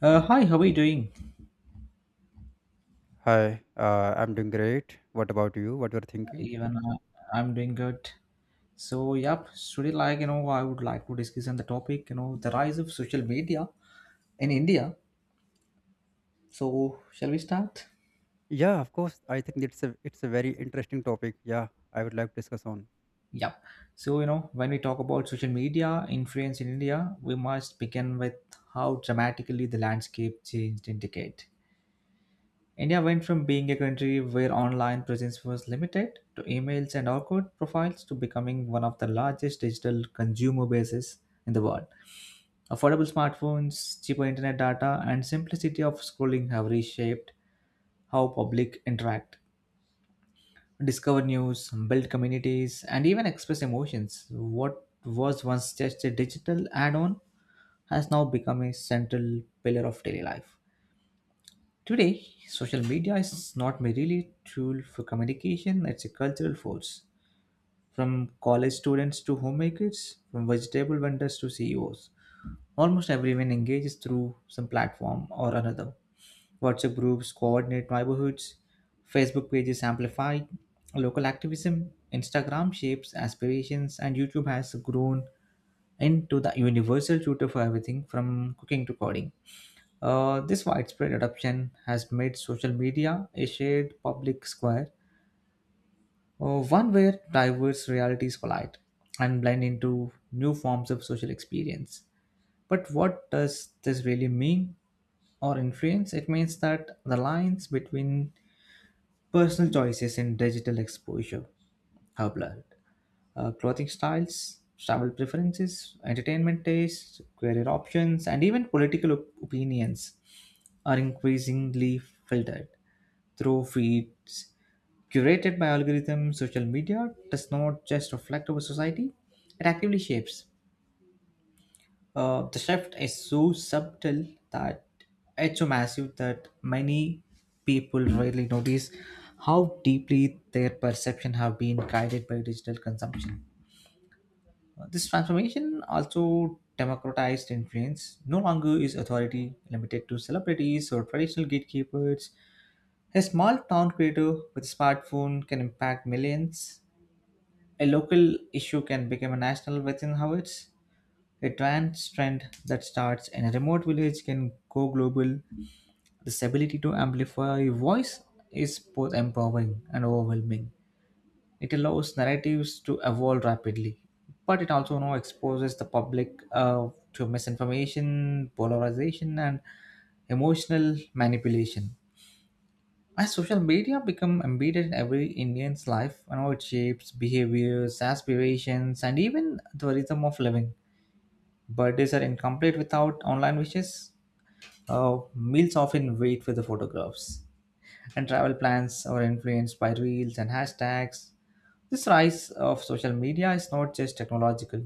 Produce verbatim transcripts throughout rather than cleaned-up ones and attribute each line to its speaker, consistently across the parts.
Speaker 1: Uh, hi, how are you doing?
Speaker 2: Hi, uh, I'm doing great. What about you? What you're thinking?
Speaker 1: Even uh, I'm doing good. So, yep, today, like, you know, I would like to discuss on the topic, you know, the rise of social media in India. So, shall we start?
Speaker 2: Yeah, of course. I think it's a it's a very interesting topic. Yeah, I would like to discuss on.
Speaker 1: Yep. So, you know, when we talk about social media influence in India, we must begin with how dramatically the landscape changed in decade. India went from being a country where online presence was limited to emails and awkward profiles to becoming one of the largest digital consumer bases in the world. Affordable smartphones, cheaper internet data, and simplicity of scrolling have reshaped how public interact, discover news, build communities, and even express emotions. What was once just a digital add on has now become a central pillar of daily life. Today, social media is not merely a tool for communication, it's a cultural force. From college students to homemakers, from vegetable vendors to C E Os, almost everyone engages through some platform or another. WhatsApp groups coordinate neighborhoods, Facebook pages amplify local activism, Instagram shapes aspirations, and YouTube has grown into the universal tutor for everything from cooking to coding. Uh, this widespread adoption has made social media a shared public square, uh, one where diverse realities collide and blend into new forms of social experience. But what does this really mean or influence, it means that the lines between personal choices and digital exposure have blurred. Uh, clothing styles, travel preferences, entertainment tastes, career options, and even political op- opinions are increasingly filtered through feeds curated by algorithms. Social media does not just reflect our society; it actively shapes. Uh, the shift is so subtle that it's so massive that many people rarely notice how deeply their perception have been guided by digital consumption. Uh, This transformation also democratized influence. No longer is authority limited to celebrities or traditional gatekeepers. A small town creator with a smartphone can impact millions. A local issue can become a national within hours. A trans trend that starts in a remote village can go global. This ability to amplify voice is both empowering and overwhelming. It allows narratives to evolve rapidly, but it also now exposes the public uh, to misinformation, polarization, and emotional manipulation. As social media become embedded in every Indian's life, you know, it shapes behaviors, aspirations, and even the rhythm of living. Birthdays are incomplete without online wishes. Uh, meals often wait for the photographs. And travel plans are influenced by reels and hashtags. This rise of social media is not just technological,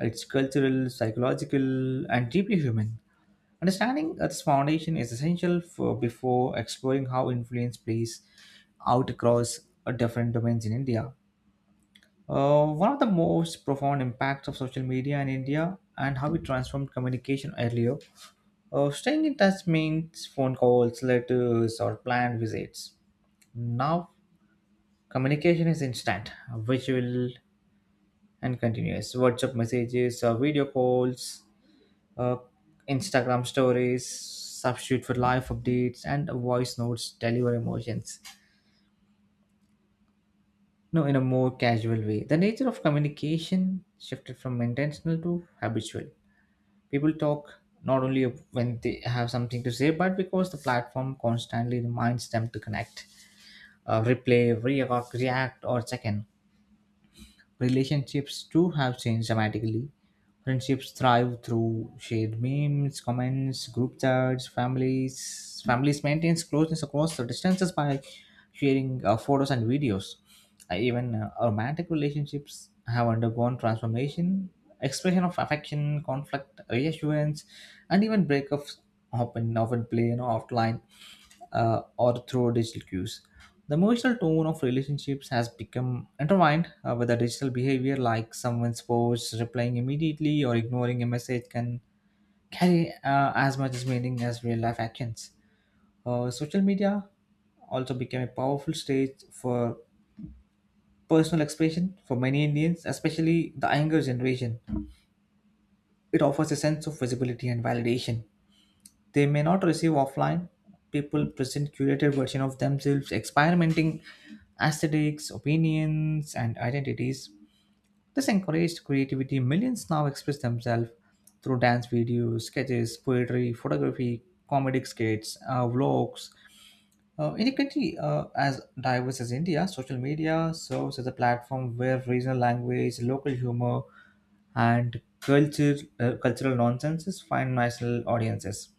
Speaker 1: it's cultural, psychological, and deeply human. Understanding its foundation is essential for before exploring how influence plays out across uh, different domains in India. Uh, one of the most profound impacts of social media in India and how it transformed communication earlier uh, staying in touch means phone calls, letters, or planned visits. Now, communication is instant, visual, and continuous. WhatsApp messages, uh, video calls, uh, Instagram stories, substitute for live updates, and voice notes deliver emotions. No, in a more casual way. The nature of communication shifted from intentional to habitual. People talk not only when they have something to say, but because the platform constantly reminds them to connect. Uh, replay, react, react, or check in. Relationships too have changed dramatically. Friendships thrive through shared memes, comments, group chats. Families families maintain closeness across the distances by sharing uh, photos and videos. Uh, even uh, romantic relationships have undergone transformation. Expression of affection, conflict, reassurance, and even breakups often often play an offline uh, or through digital cues. The emotional tone of relationships has become intertwined uh, with the digital behavior, like someone's post replying immediately or ignoring a message can carry uh, as much as meaning as real life actions. Uh, social media also became a powerful stage for personal expression for many Indians, especially the younger generation. It offers a sense of visibility and validation they may not receive offline. People present curated version of themselves, experimenting aesthetics, opinions, and identities. This encouraged creativity. Millions now express themselves through dance videos, sketches, poetry, photography, comedic skits, uh, vlogs. Uh, in a country uh, as diverse as India, social media serves as a platform where regional language, local humor, and culture, uh, cultural nonsenses find national audiences.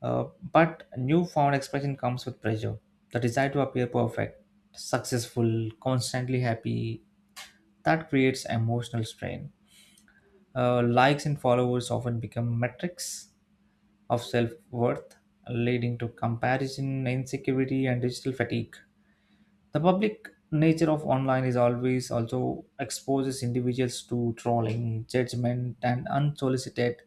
Speaker 1: Uh, but newfound expression comes with pressure, the desire to appear perfect, successful, constantly happy. That creates emotional strain. Uh, likes and followers often become metrics of self worth, leading to comparison, insecurity, and digital fatigue. The public nature of online is always also exposes individuals to trolling, judgment, and unsolicited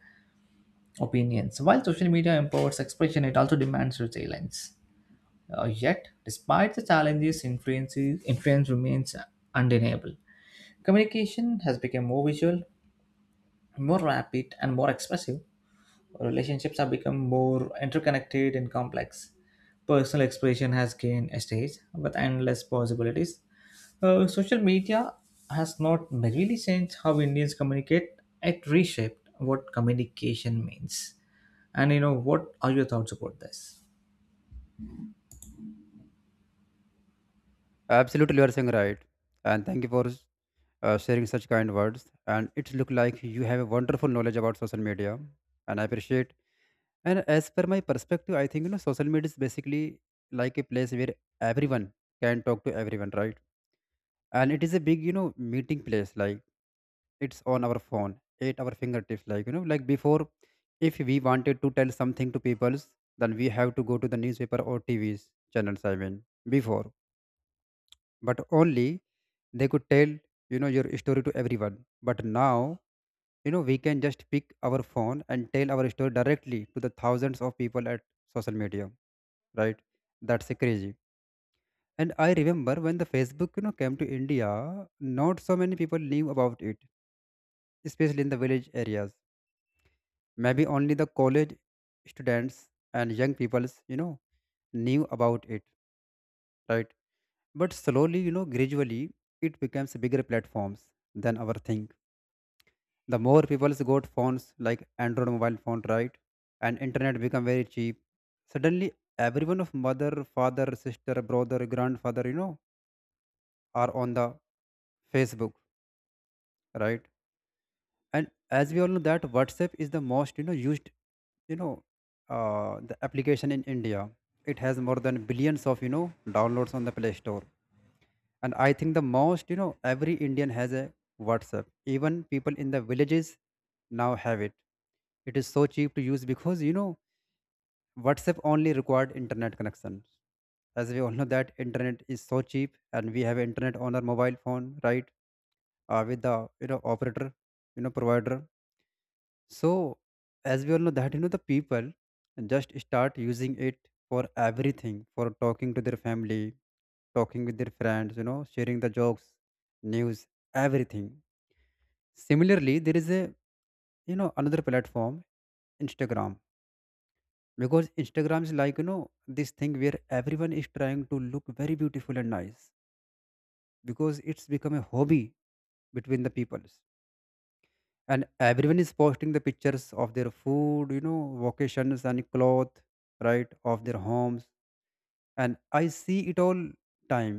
Speaker 1: opinions. While social media empowers expression, it also demands resilience. Uh, yet, despite the challenges, influence, influence remains undeniable. Communication has become more visual, more rapid, and more expressive. Relationships have become more interconnected and complex. Personal expression has gained a stage with endless possibilities. Uh, social media has not merely changed how Indians communicate, it reshaped what communication means. And you know, what are your thoughts about this?
Speaker 2: Absolutely, you are saying right, and thank you for uh, sharing such kind words. And it look like you have a wonderful knowledge about social media, and I appreciate. And as per my perspective, I think you know social media is basically like a place where everyone can talk to everyone, right? And it is a big you know meeting place, like it's on our phone at our fingertips, like you know like before, if we wanted to tell something to peoples, then we have to go to the newspaper or TV's channels, I mean, before. But only they could tell you know your story to everyone. But now you know we can just pick our phone and tell our story directly to the thousands of people at social media, right? That's crazy. And I remember when the Facebook you know came to India. Not so many people knew about it, especially in the village areas. Maybe only the college students and young peoples, you know, knew about it, right? But slowly, you know, gradually, it becomes bigger platforms than our think. The more people got phones like Android mobile phone, right? And internet become very cheap. Suddenly, everyone of mother, father, sister, brother, grandfather, you know, are on the Facebook, right? And as we all know that WhatsApp is the most you know used you know uh, the application in India. It has more than billions of you know downloads on the Play Store. And I think the most you know every Indian has a WhatsApp. Even people in the villages now have it. It is so cheap to use because you know WhatsApp only required internet connections. As we all know that internet is so cheap and we have internet on our mobile phone, right? Uh, with the you know operator you know provider. So, as we all know that you know the people just start using it for everything, for talking to their family, talking with their friends, you know, sharing the jokes, news, everything. Similarly, there is a you know another platform, Instagram, because Instagram is like you know this thing where everyone is trying to look very beautiful and nice because it's become a hobby between the people. And everyone is posting the pictures of their food, you know vacations and cloth, right, of their homes. And I see it all time.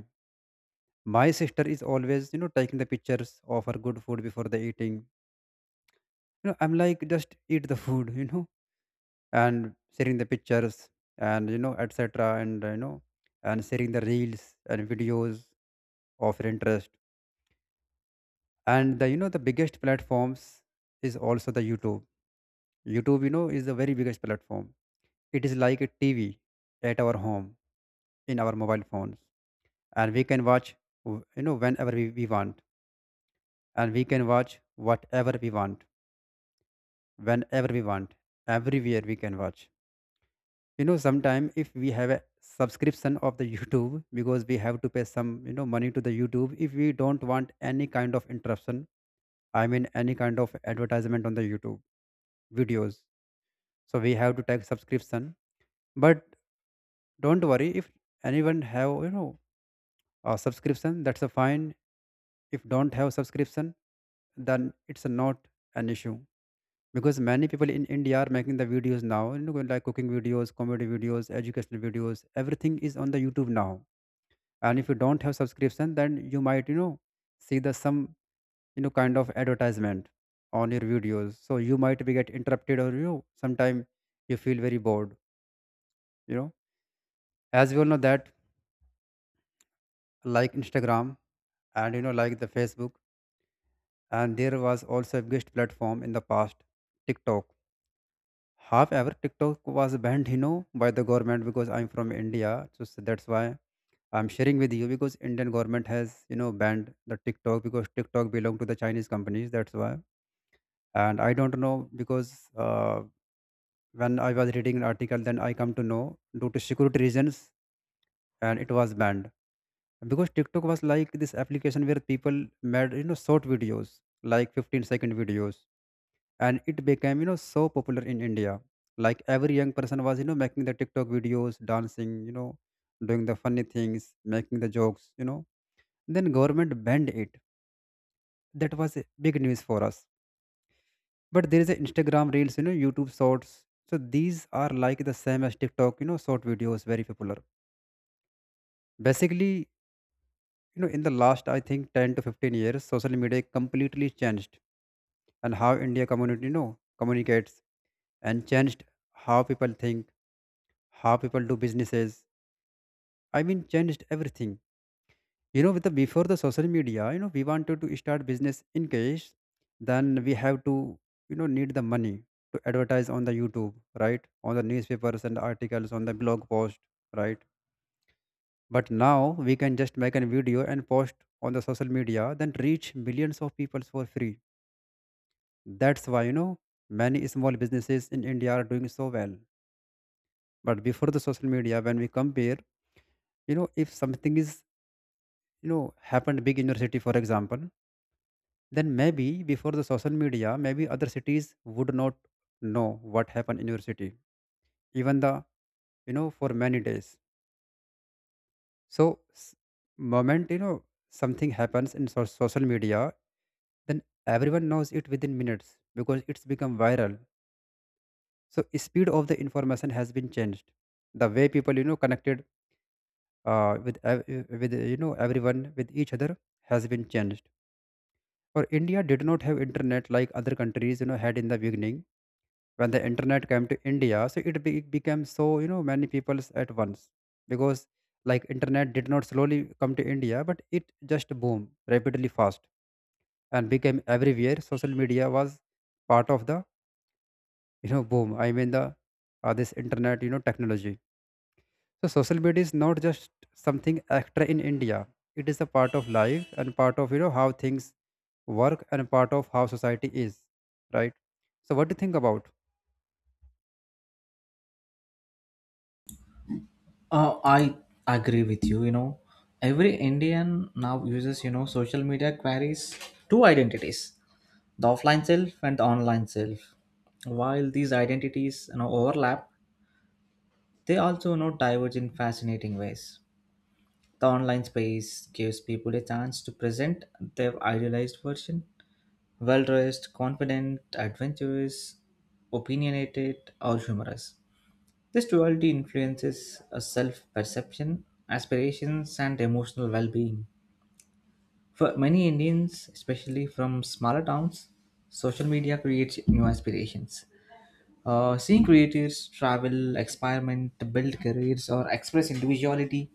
Speaker 2: My sister is always you know taking the pictures of her good food before the eating, you know I'm like, just eat the food you know And sharing the pictures and you know etc. and you know and sharing the reels and videos of her interest. And the you know the biggest platforms is also the YouTube. YouTube, you know, is the very biggest platform. It is like a T V at our home in our mobile phones, and we can watch w- you know whenever we, we want, and we can watch whatever we want, whenever we want, everywhere we can watch. You know, sometime if we have a subscription of the YouTube, because we have to pay some you know money to the YouTube if we don't want any kind of interruption. I mean, any kind of advertisement on the YouTube videos. So we have to take subscription. But don't worry. If anyone have you know uh, subscription, that's a fine. If don't have subscription, then it's not an issue, because many people in India are making the videos now, you know like cooking videos, comedy videos, educational videos. Everything is on the YouTube now. And if you don't have subscription, then you might you know see the some you know kind of advertisement on your videos, so you might be get interrupted or you know sometime you feel very bored you know as we all know that, like, Instagram and you know like the Facebook. And there was also a biggest platform in the past, TikTok. However, TikTok was banned, you know, by the government, because I'm from India, so s- that's why I'm sharing with you, because Indian government has, you know, banned the TikTok, because TikTok belong to the Chinese companies. That's why. And I don't know, because uh, when I was reading an article, then I come to know due to security reasons, and it was banned, because TikTok was like this application where people made, you know, short videos like fifteen second videos. And it became you know so popular in India, like every young person was you know making the TikTok videos, dancing, you know doing the funny things, making the jokes you know Then government banned it. That was a big news for us. But there is a Instagram reels, you know YouTube Shorts. So these are like the same as TikTok, you know short videos, very popular. Basically, you know in the last I think ten to fifteen years, social media completely changed. And how India community, you know communicates, and changed how people think, how people do businesses. I mean, changed everything. You know, with the before the social media, you know, we wanted to start business in case, then we have to, you know, need the money to advertise on the YouTube, right? On the newspapers and articles, on the blog post, right? But now we can just make a video and post on the social media, then reach millions of people for free. That's why, you know, many small businesses in India are doing so well. But before the social media, when we compare, you know, if something is you know happened big university for example, then maybe before the social media, maybe other cities would not know what happened in your city, even the you know for many days. So s- moment, you know something happens in so- social media, then everyone knows it within minutes because it's become viral. So speed of the information has been changed. The way people you know connected uh, with ev- with you know everyone with each other has been changed. For India did not have internet like other countries, you know, had in the beginning. When the internet came to India, so it be, became so, you know, many peoples at once, because like internet did not slowly come to India, but it just boom rapidly fast and became everywhere. Social media was part of the, you know, boom. I mean the uh, this internet, you know, technology. So social media is not just something extra in India. It is a part of life and part of, you know, how things work and part of how society is, right? So, what do you think about?
Speaker 1: Uh, I agree with you. You know, every Indian now uses, you know, social media carries two identities, the offline self and the online self. While these identities, you know, overlap, they also, you know, diverge in fascinating ways. The online space gives people a chance to present their idealized version, well dressed, confident, adventurous, opinionated, or humorous. This duality influences a self perception, aspirations, and emotional well being. For many Indians, especially from smaller towns, social media creates new aspirations. Uh, seeing creators travel, experiment, build careers, or express individuality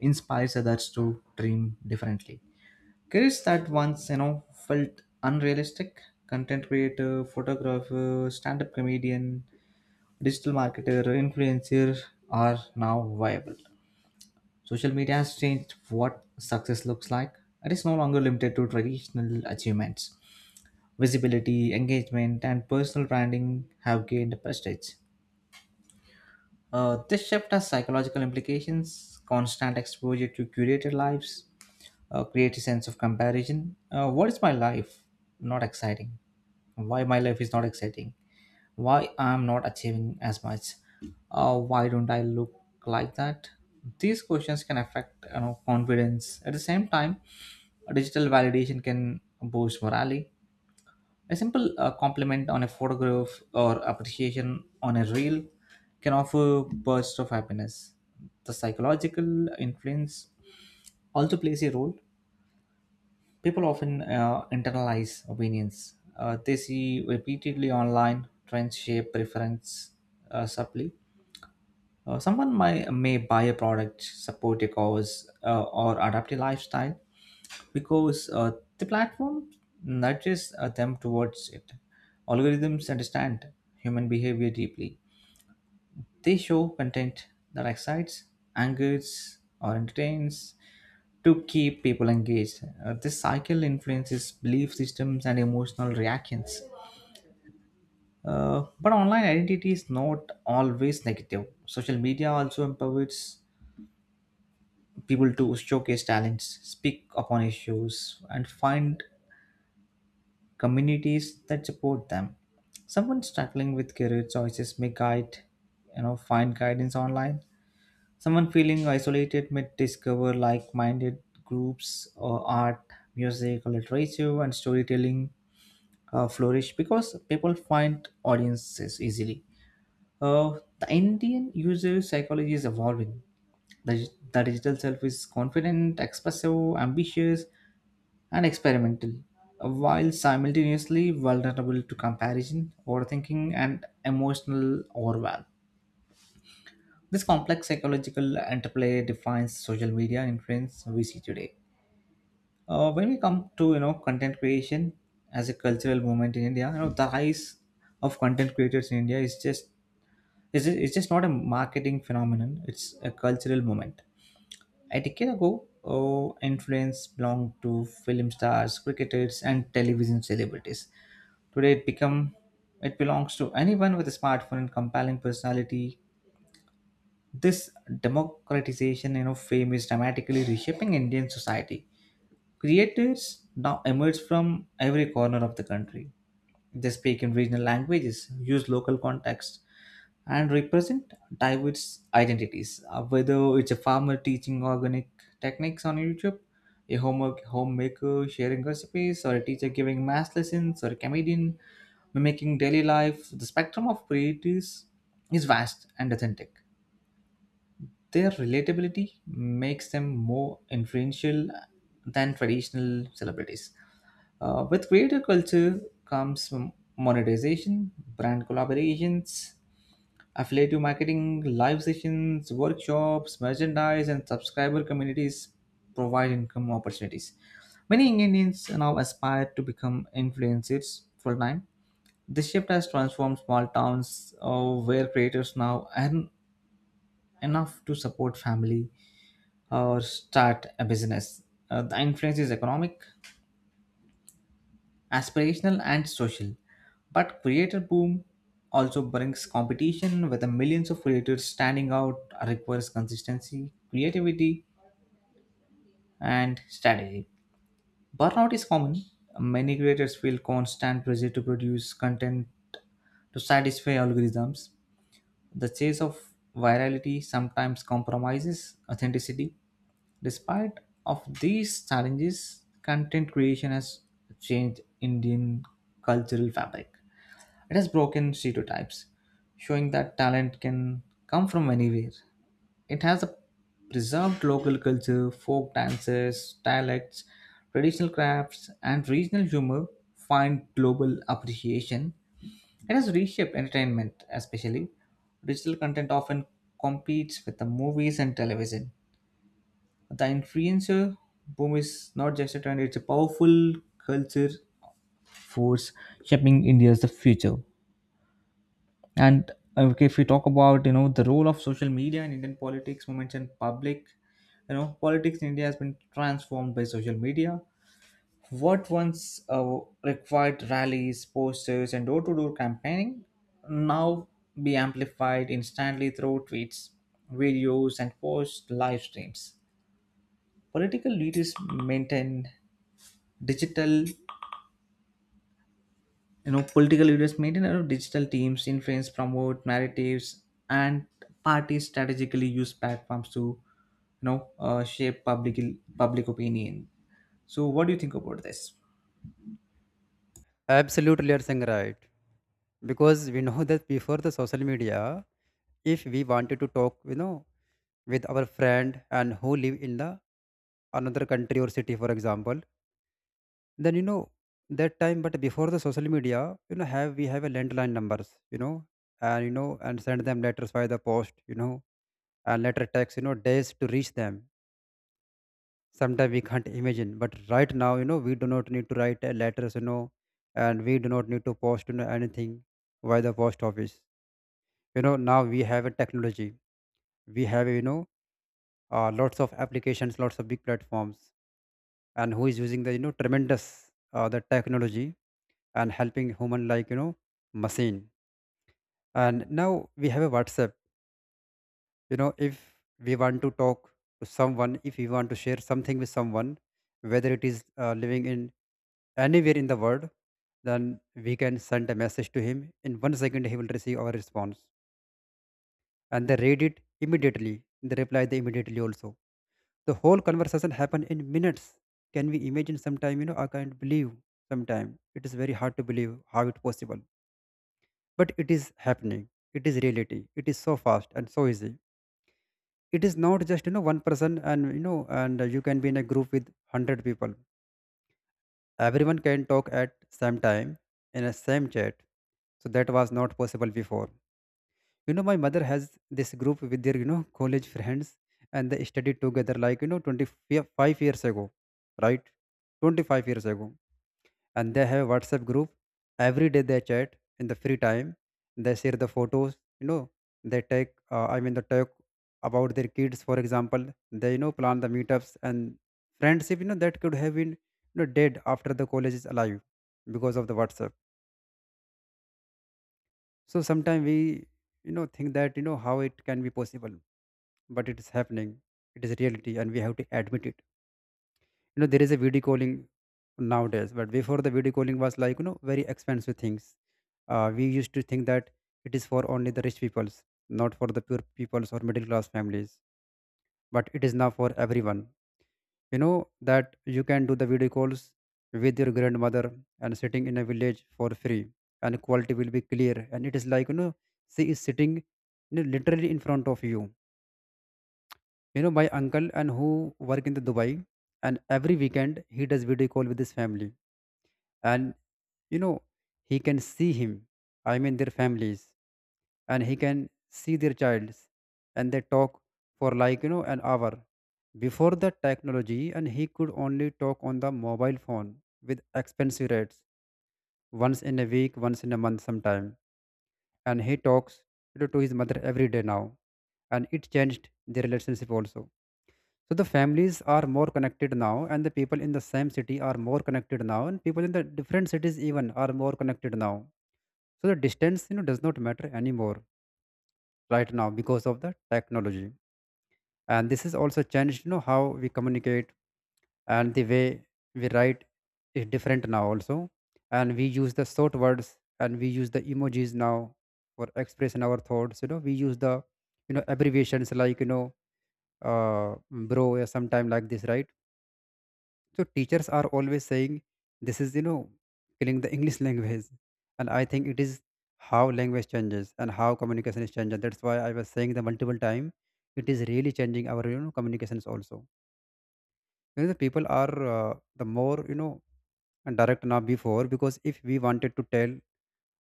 Speaker 1: inspires others to dream differently. Careers that once you know felt unrealistic, content creator, photographer, stand-up comedian, digital marketer, influencer are now viable. Social media has changed what success looks like. It is no longer limited to traditional achievements. Visibility, engagement, and personal branding have gained prestige. Uh, this shift has psychological implications. Constant exposure to curated lives uh, create a sense of comparison. Uh, what is my life? Not exciting. Why my life is not exciting? Why I'm not achieving as much, uh, why don't I look like that? These questions can affect, you know, confidence. At the same time, digital validation can boost morale. A simple uh, compliment on a photograph or appreciation on a reel can offer bursts of happiness. The psychological influence also plays a role. People often uh, internalize opinions. Uh, they see repeatedly online trends shape preference uh, subtly. Uh, someone may, may buy a product, support a cause, uh, or adapt a lifestyle because uh, the platform nudges uh, them towards it. Algorithms understand human behavior deeply. They show content that excites, angers, or entertains to keep people engaged. Uh, this cycle influences belief systems and emotional reactions. Uh, but online identity is not always negative. Social media also empowers people to showcase talents, speak upon issues, and find communities that support them. Someone struggling with career choices may guide, you know, find guidance online. Someone feeling isolated may discover like-minded groups or art, music, or literature, and storytelling uh, flourish because people find audiences easily. Uh, the Indian user psychology is evolving. The, the digital self is confident, expressive, ambitious, and experimental, while simultaneously vulnerable to comparison, overthinking, and emotional overwhelm. This complex psychological interplay defines social media influence we see today. Uh, when we come to you know content creation as a cultural movement in India, you know the rise of content creators in India is just is it's just not a marketing phenomenon; it's a cultural movement. A decade ago, oh, influence belonged to film stars, cricketers, and television celebrities. Today, it become it belongs to anyone with a smartphone and compelling personality. This democratization, you know, fame is dramatically reshaping Indian society. Creators now emerge from every corner of the country. They speak in regional languages, use local contexts, and represent diverse identities. Uh, Whether it's a farmer teaching organic techniques on YouTube, a homework homemaker sharing recipes, or a teacher giving math lessons, or a comedian mimicking daily life, the spectrum of creators is vast and authentic. Their relatability makes them more influential than traditional celebrities. Uh, with creator culture comes m- monetization, brand collaborations, affiliate marketing, live sessions, workshops, merchandise, and subscriber communities provide income opportunities. Many Indians now aspire to become influencers full time. This shift has transformed small towns uh, where creators now earn enough to support family or start a business. Uh, the influence is economic, aspirational, and social. But creator boom also brings competition with the millions of creators standing out requires consistency, creativity, and strategy. Burnout is common. Many creators feel constant pressure to produce content to satisfy algorithms. The chase of virality sometimes compromises authenticity. Despite of these challenges, content creation has changed Indian cultural fabric. It has broken stereotypes, showing that talent can come from anywhere. It has a preserved local culture, folk dances, dialects, traditional crafts, and regional humor find global appreciation. It has reshaped entertainment, especially digital content often competes with the movies and television. The influencer boom is not just a trend, it's a powerful culture force shaping India's the future. And uh, okay, if we talk about, you know, the role of social media in Indian politics, movements and public, you know, politics in India has been transformed by social media. What once uh, required rallies, posters, and door-to-door campaigning now be amplified instantly through tweets, videos, and post live streams. Political leaders maintain digital you know political leaders maintain, you know, digital teams influence promote narratives and parties strategically use platforms to you know uh, shape public public opinion. So what do you think about this?
Speaker 2: Absolutely, you're saying right. Because we know that before the social media, if we wanted to talk, you know, with our friend and who live in the another country or city, for example, then you know that time. But before the social media, you know, have we have a landline numbers, you know, and you know, and send them letters via the post, you know, and letter text, you know, days to reach them. Sometimes we can't imagine. But right now you know we do not need to write uh, letters, you know And we do not need to post, you know, anything via the post office. You know now we have a technology. We have, you know uh, lots of applications, lots of big platforms. And who is using the, you know tremendous, uh, the technology, and helping human like, you know machine. And now we have a WhatsApp. You know if we want to talk to someone, if we want to share something with someone, whether it is uh, living in anywhere in the world, then we can send a message to him. In one second, he will receive our response. And they read it immediately. They reply they immediately also. The whole conversation happen in minutes. Can we imagine sometime, you know, I can't believe sometime. It is very hard to believe how it possible. But it is happening. It is reality. It is so fast and so easy. It is not just, you know, one person and, you know, and you can be in a group with a hundred people. Everyone can talk at same time in a same chat. So that was not possible before. You know my mother has this group with their you know college friends. And they studied together, like, you know twenty-five years ago, right? twenty-five years ago. And they have a WhatsApp group. Every day they chat in the free time. They share the photos. You know, they take. Uh, I mean, they talk about their kids, for example. They you know plan the meetups and friendship. You know that could have been you know dead after the college, is alive because of the WhatsApp. So sometimes we you know think that you know how it can be possible, but it is happening. It is reality, and we have to admit it. You know there is a video calling nowadays, but before, the video calling was like you know very expensive things. Uh, we used to think that it is for only the rich peoples, not for the poor peoples or middle class families, but it is now for everyone. You know that you can do the video calls with your grandmother and sitting in a village for free, and quality will be clear, and it is like you know she is sitting, you know, literally in front of you. You know My uncle, and who work in the Dubai, and every weekend he does video call with his family. And you know he can see him, I mean their families, and he can see their childs, and they talk for like you know an hour. Before the technology, and he could only talk on the mobile phone with expensive rates, once in a week, once in a month sometime, and he talks, you know, to his mother every day now, and it changed the relationship also. So the families are more connected now, and the people in the same city are more connected now, and people in the different cities even are more connected now. So the distance, you know, does not matter anymore right now because of the technology. And this is also changed, you know, how we communicate, and the way we write is different now also. And we use the short words, and we use the emojis now for expressing our thoughts. You know, we use the, you know, abbreviations like, you know, uh, bro, or sometime like this, right? So teachers are always saying this is you know killing the English language, and I think it is how language changes and how communication is changing. That's why I was saying the multiple time it is really changing our you know communications also. You know the people are uh, the more you know direct now before, because if we wanted to tell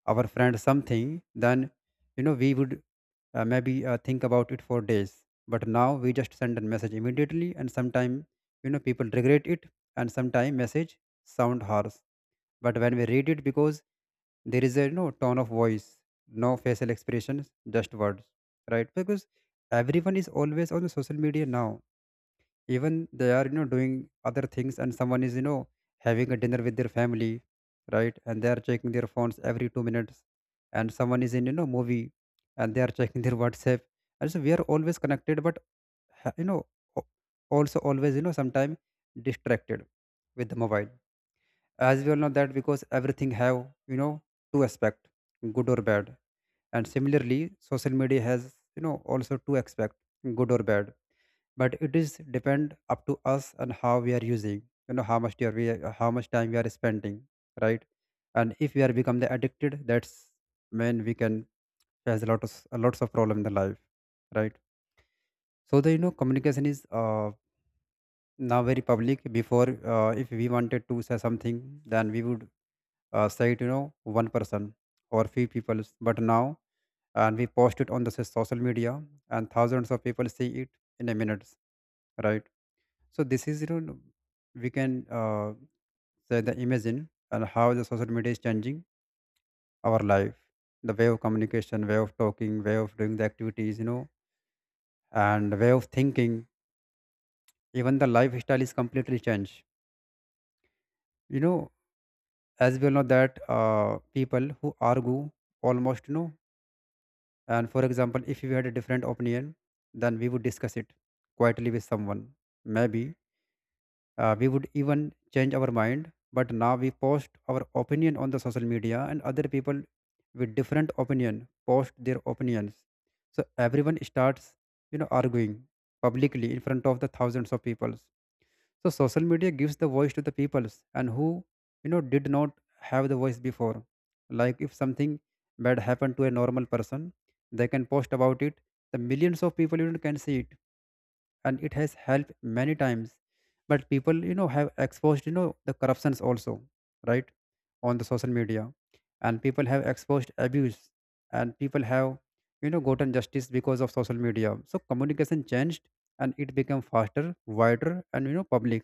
Speaker 2: our friend something, then you know we would uh, maybe uh, think about it for days. But now we just send a message immediately, and sometimes you know people regret it, and sometimes message sound harsh. But when we read it, because there is a you know tone of voice, no facial expressions, just words, right? Because everyone is always on the social media now, even they are you know doing other things, and someone is you know having a dinner with their family, right, and they are checking their phones every two minutes, and someone is in you know movie, and they are checking their whatsapp. And so we are always connected, but ha- you know o- also always you know sometimes distracted with the mobile. As we all know that, because everything have you know two aspect, good or bad, and similarly social media has you know also two aspect, good or bad. But it is depend up to us and how we are using, you know how much we are we are- how much time we are spending, right. And if we are become the addicted, that's when we can face a lot of a lots of problem in the life, right. So the you know communication is uh, now very public. Before, uh, if we wanted to say something, then we would uh, say it you know one person or few people, but now, and we post it on the so- social media, and thousands of people see it in a minute, right. So this is you know we can uh, say the imagine and how the social media is changing our life. The way of communication, way of talking, way of doing the activities, you know and the way of thinking. Even the lifestyle is completely changed. you know as we all know that, uh, people who argue almost, you know and for example if we had a different opinion, then we would discuss it quietly with someone, maybe. Uh, we would even change our mind, but now we post our opinion on the social media, and other people with different opinion post their opinions. So everyone starts, you know, arguing publicly in front of the thousands of people. So social media gives the voice to the peoples and who, you know, did not have the voice before. Like if something bad happened to a normal person, they can post about it. The millions of people, you know, can see it, and it has helped many times. But people you know have exposed you know the corruptions also, right, on the social media, and people have exposed abuse, and people have you know gotten justice because of social media. So communication changed, and it became faster, wider, and you know public,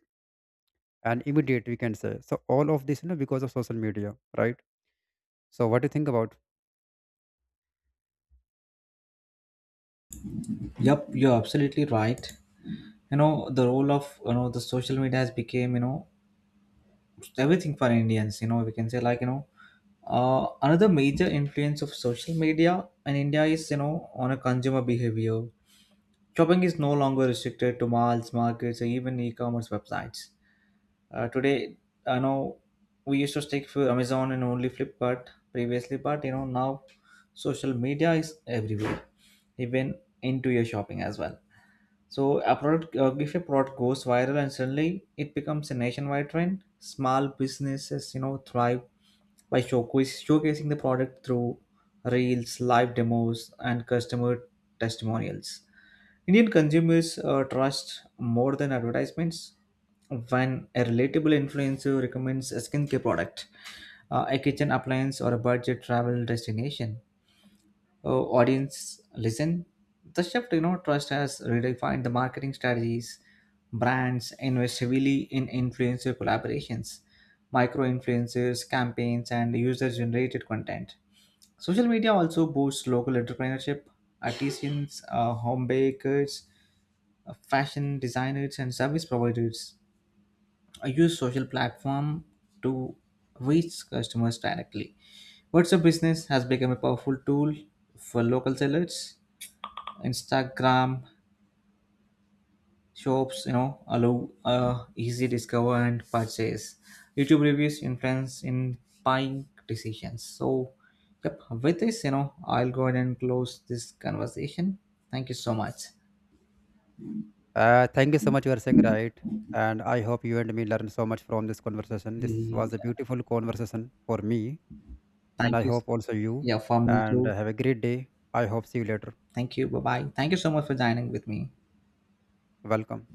Speaker 2: and immediate we can say. So all of this you know because of social media, right. So what do you think about
Speaker 1: Yep, you're absolutely right. You know the role of you know the social media has became, you know everything for Indians. You know we can say, like, you know uh, another major influence of social media in India is you know on a consumer behavior. Shopping is no longer restricted to malls, markets, or even e-commerce websites. Uh, today, I know we used to stick for Amazon and only Flipkart previously, but you know now social media is everywhere, even into your shopping as well. So a product, uh, if a product goes viral and suddenly it becomes a nationwide trend, small businesses, you know, thrive by showcase, showcasing the product through reels, live demos, and customer testimonials. Indian consumers uh, trust more than advertisements when a relatable influencer recommends a skincare product, uh, a kitchen appliance, or a budget travel destination, uh, audience listen. The shift, you know, trust has redefined the marketing strategies. Brands invest heavily in influencer collaborations, micro influencers, campaigns, and user generated content. Social media also boosts local entrepreneurship. Artisans, uh, home bakers, uh, fashion designers, and service providers uh, use social platform to reach customers directly. WhatsApp Business has become a powerful tool for local sellers. Instagram shops, you know, allow uh, easy discover and purchase. YouTube reviews influence in buying decisions. So, yep. With this, you know, I'll go ahead and close this conversation. Thank you so much.
Speaker 2: uh, thank you so much. You are saying right, and I hope you and me learn so much from this conversation. This was a
Speaker 1: Yeah,
Speaker 2: beautiful conversation for me. And
Speaker 1: thank
Speaker 2: I
Speaker 1: you.
Speaker 2: hope also you.
Speaker 1: Yeah, for me
Speaker 2: And
Speaker 1: too.
Speaker 2: have a great day. I hope see you later.
Speaker 1: Thank you. Bye bye. Thank you so much for dining with me.
Speaker 2: Welcome.